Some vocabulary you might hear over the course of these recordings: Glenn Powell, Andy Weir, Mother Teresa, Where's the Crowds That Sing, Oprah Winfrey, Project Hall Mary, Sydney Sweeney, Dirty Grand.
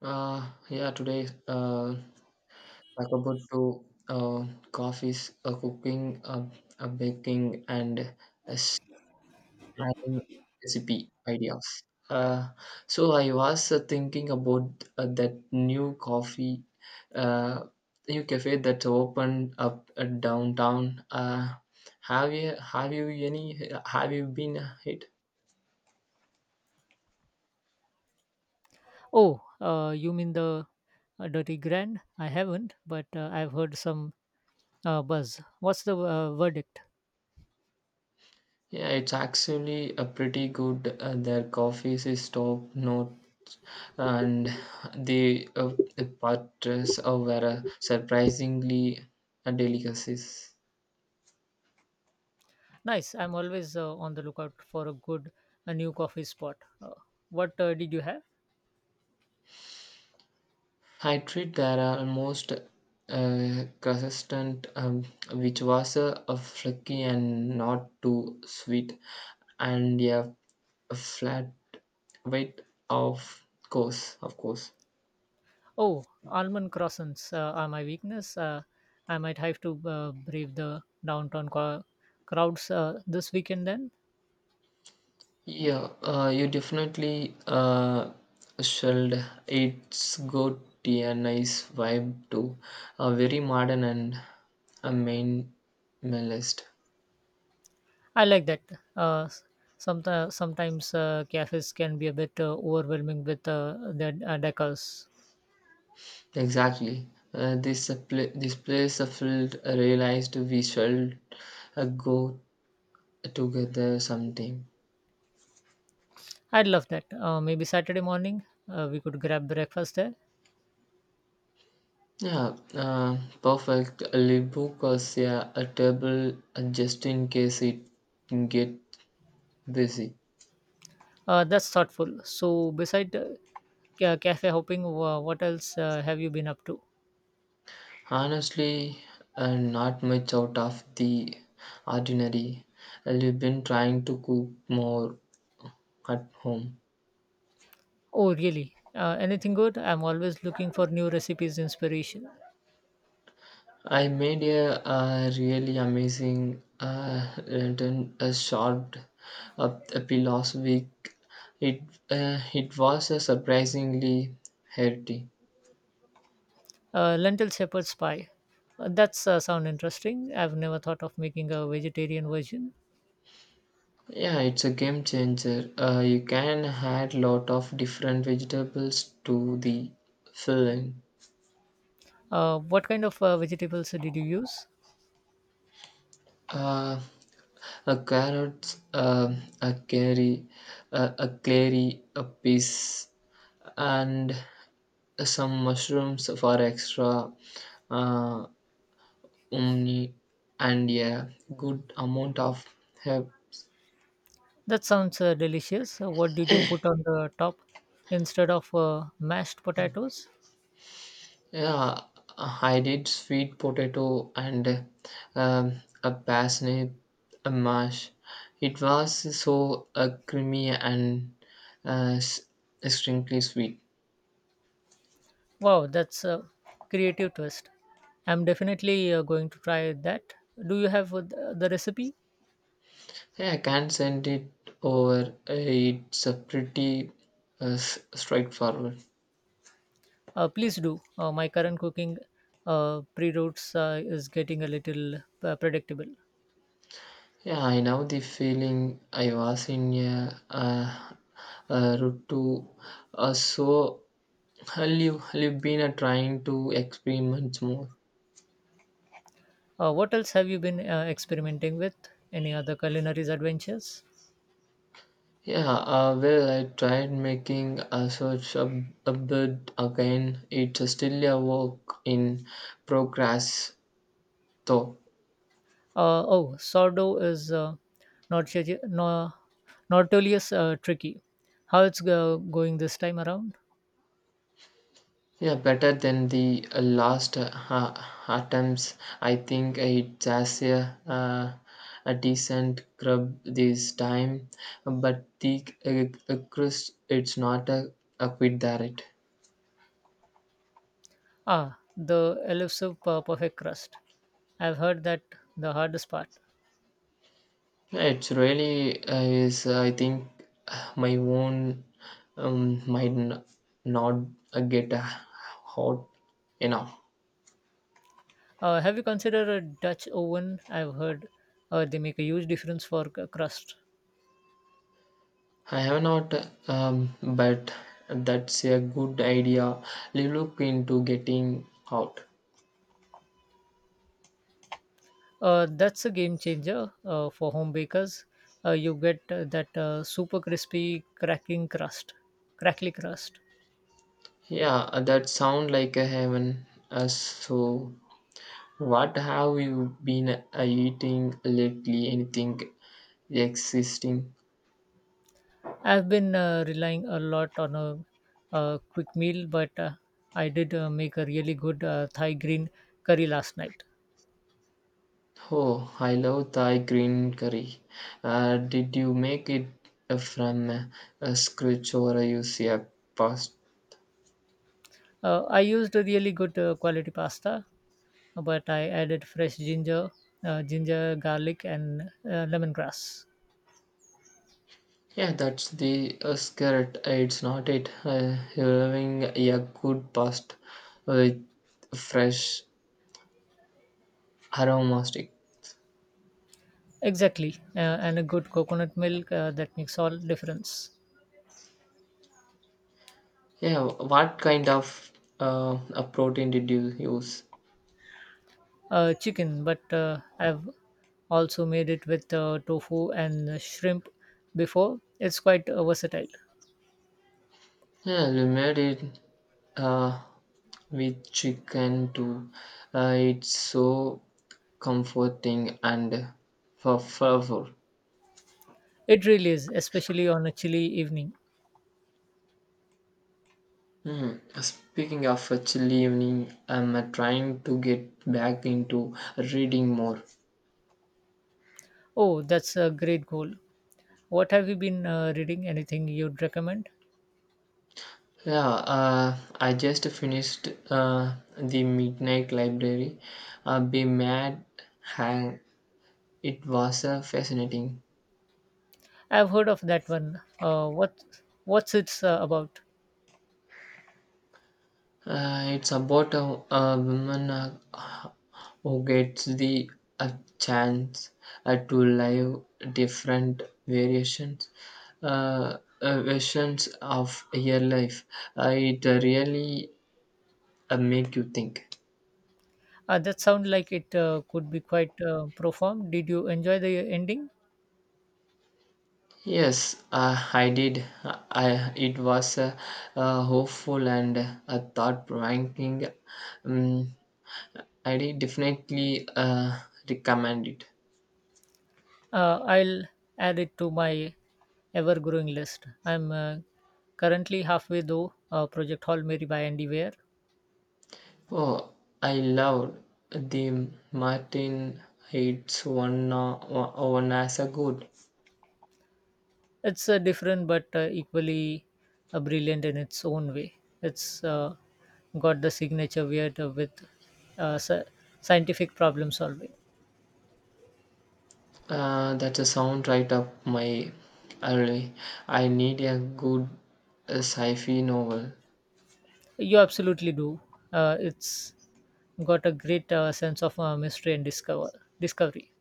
Yeah, today talk about to uh, coffees, cooking, baking, and uh, sharing recipe ideas. Uh, so I was thinking about that new coffee, uh, new cafe that opened up downtown. Have you been hit? Oh, you mean the Dirty Grand? I haven't, but I've heard some buzz. What's the verdict? Yeah, it's actually a pretty good. Their coffees is top notch, and the butters were surprisingly a delicacies. Nice. I'm always on the lookout for a good a new coffee spot. What did you have? I treat there are almost consistent, which was a flaky and not too sweet, and yeah, a flat weight of course, of course. Oh, almond croissants are my weakness. I might have to brave the crowds this weekend then. Yeah, you definitely should. It's got a nice vibe too. Very modern and a minimalist. I like that. Uh, sometimes cafes can be a bit overwhelming with their decors. Exactly. This this place felt realized we should go together sometime. I'd love that. Maybe Saturday morning, we could grab breakfast there. Yeah, perfect. I'll book us, yeah, a table just in case it get busy. That's thoughtful. So, beside cafe hopping, what else have you been up to? Honestly, not much out of the ordinary. I've been trying to cook more at home. Oh, really? Anything good? I'm always looking for new recipes, inspiration. I made a, really amazing lantern short up apple last week. It it was a surprisingly healthy. Lentil shepherd's pie. That's sound interesting. I've never thought of making a vegetarian version. Yeah, it's a game changer. You can add lot of different vegetables to the filling. What kind of vegetables did you use? Uh, A carrot, a carry, a clary, a piece, and some mushrooms for extra uh, umni and a good amount of herb. That sounds delicious. What did you put on the top instead of mashed potatoes? Yeah, I did sweet potato and a parsnip, a mash. It was so creamy and uh, s- extremely sweet. Wow, that's a creative twist. I'm definitely going to try that. Do you have the recipe? Yeah, I can't send it over. It's a pretty straightforward. Please do. My current cooking pre-routes is getting a little predictable. Yeah, I know the feeling. I was in a route to. So, have you been trying to experiment more? What else have you been experimenting with? Any other culinary adventures? Yeah, well, I tried making a search a bit again. It's still a work in progress, though. Oh, sourdough is not, not notorious tricky. How it's going this time around? Yeah, better than the last attempts. I think it has a decent grub this time, but the crust it's not a, a quit there. It Ah, the perfect crust. I've heard that the hardest part. it's really is. I think my own, might not get hot enough. Have you considered a Dutch oven? I've heard they make a huge difference for crust. I have not, but that's a good idea. Look into getting out. That's a game changer for home bakers. You get that super crackly crust. Yeah, that sound like a heaven. So, what have you been eating lately? Anything existing? I've been relying a lot on quick meal, but I did make a really good Thai green curry last night. Oh, I love Thai green curry. Did you make it from a scratch or use a past? I used a really good quality pasta, but I added fresh ginger, ginger, garlic, and lemongrass. Yeah, that's the skirt. It's not it. Having a good past with fresh aromatic. Exactly, and a good coconut milk that makes all difference. Yeah, what kind of a protein did you use? Chicken, but I've also made it with tofu and shrimp before. It's quite versatile. Yeah, we made it uh, with chicken too. It's so comforting and for flavor. It really is, especially on a chilly evening. Hmm. Speaking of a chilly evening, I'm trying to get back into reading more. Oh, that's a great goal. What have you been reading? Anything you'd recommend? Yeah, I just finished the Midnight Library. Be mad, hang. It was fascinating. I've heard of that one. What's it's about? It's about a woman who gets the a chance to live different variations versions of your life. It really make you think. That sound like it could be quite profound. Did you enjoy the ending? Yes, I did. I, it was a hopeful and a thought-provoking. Um, I did definitely recommend it. I'll add it to my ever-growing list. I'm currently halfway through Project Hall Mary by Andy Weir. Oh, I loved the Martin Heights one, one as a good. It's different but equally brilliant in its own way. It's got the signature weird with uh, sci- scientific problem solving. That's a sound right up my alley. I need a good sci-fi novel. You absolutely do. It's got a great sense of mystery and discovery.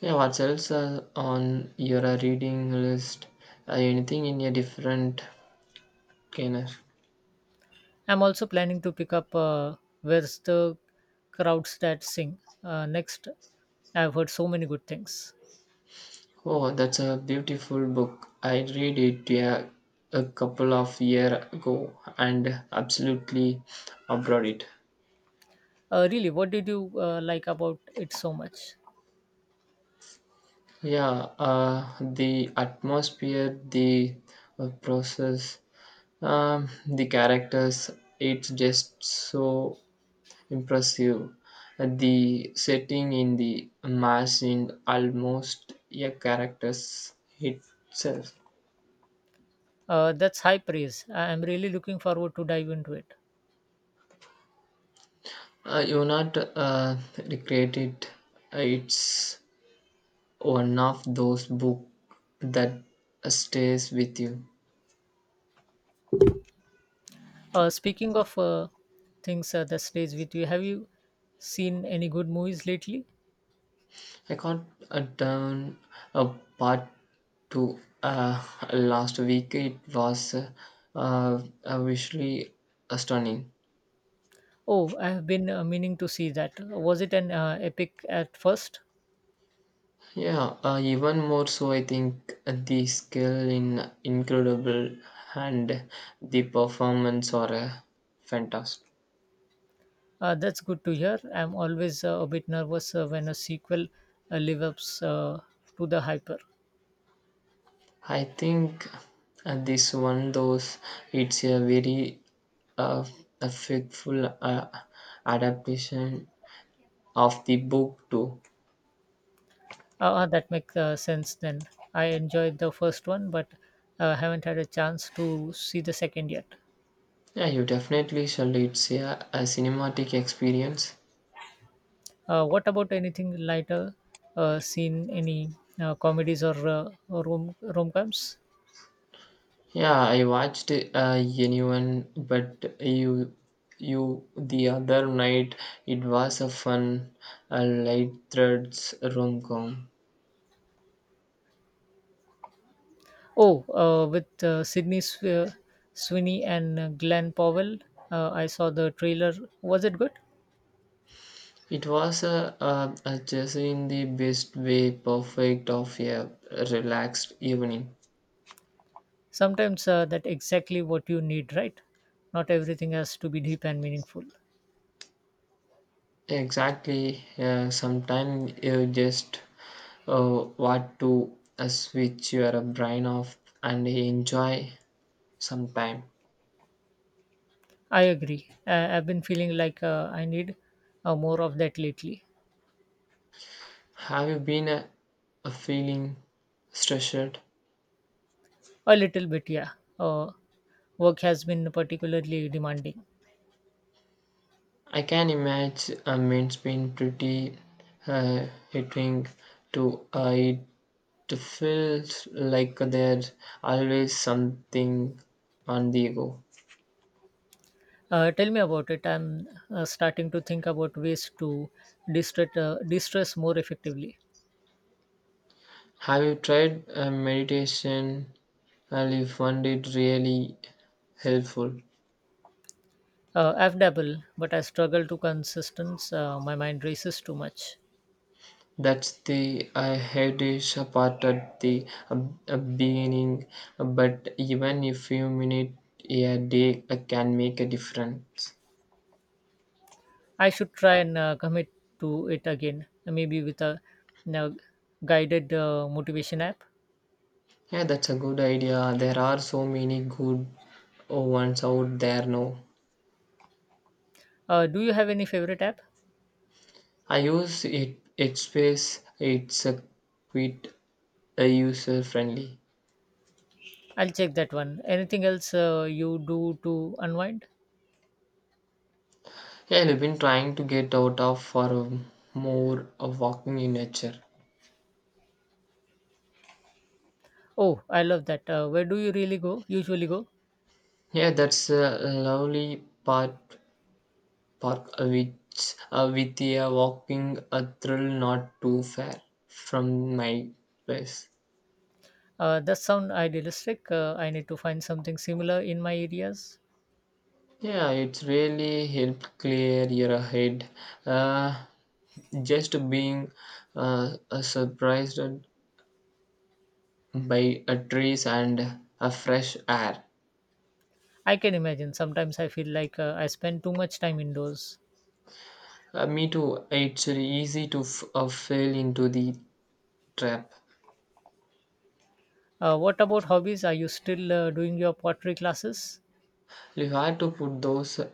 Yeah, what else on your reading list? Anything in a different genre? I'm also planning to pick up Where's the Crowds That Sing next. I've heard so many good things. Oh, that's a beautiful book. I read it, yeah, a couple of year ago and absolutely adored it. Really, what did you like about it so much? Yeah, the atmosphere, the process, the characters, it's just so impressive. The setting in the mass in almost a character's itself. That's high praise. I'm really looking forward to dive into it. You're not recreate it. It's one of those book that stays with you. Speaking of things that stays with you, have you seen any good movies lately? I got down a part two last week. It was visually stunning. Oh, I have been meaning to see that. Was it an epic at first? Yeah, even more so, I think the skill in incredible and the performance are fantastic. That's good to hear. I'm always a bit nervous when a sequel lives up to the hyper. I think this one, those it's a very uh, a faithful adaptation of the book too. That makes sense then. I enjoyed the first one, but haven't had a chance to see the second yet. Yeah, you definitely shall. It's, yeah, a cinematic experience. What about anything lighter? Seen any comedies or rom-coms? Yeah, I watched Anyone, but you the other night. It was a fun, a light threads rom com. Oh, with Sydney Sweeney and Glenn Powell, I saw the trailer. Was it good? It was a just in the best way, perfect of a relaxed evening. Sometimes that's exactly what you need, right? Not everything has to be deep and meaningful. Exactly. Sometimes you just want to switch your brain off and enjoy sometime. I agree. I've been feeling like I need more of that lately. Have you been a feeling stressed? A little bit, yeah. Uh, Work has been particularly demanding. I can imagine, it's been pretty hitting to it feels like there's always something on the go. Tell me about it. I'm starting to think about ways to distress more effectively. Have you tried meditation? Well, you found it really helpful. I've dabbled, but I struggle to consistence. My mind races too much. That's the headish part at the beginning, but even a few minutes a day can make a difference. I should try and commit to it again, maybe with a you know, guided motivation app. Yeah, that's a good idea. There are so many good ones out there now. Do you have any favorite app? I use it. It's space. It's a quite user friendly. I'll check that one. Anything else you do to unwind? Yeah, I've been trying to get out of for, more of walking in nature. Oh, I love that. Where do you really go? Usually go. Yeah, that's a lovely part park, which with a walking a thrill not too far from my place. That sound idealistic. I need to find something similar in my areas. Yeah, it's really helped clear your head. Uh, just being surprised by trees and a fresh air. I can imagine. Sometimes I feel like I spend too much time indoors. Me too. It's easy to fall into the trap. What about hobbies? Are you still doing your pottery classes? You have to put those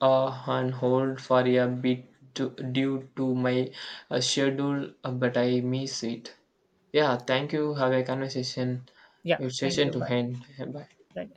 on hold for a bit to, due to my schedule, but I miss it. Yeah, thank you. Have a conversation. Yeah, It's thank session you. to Bye. end. Bye. Thank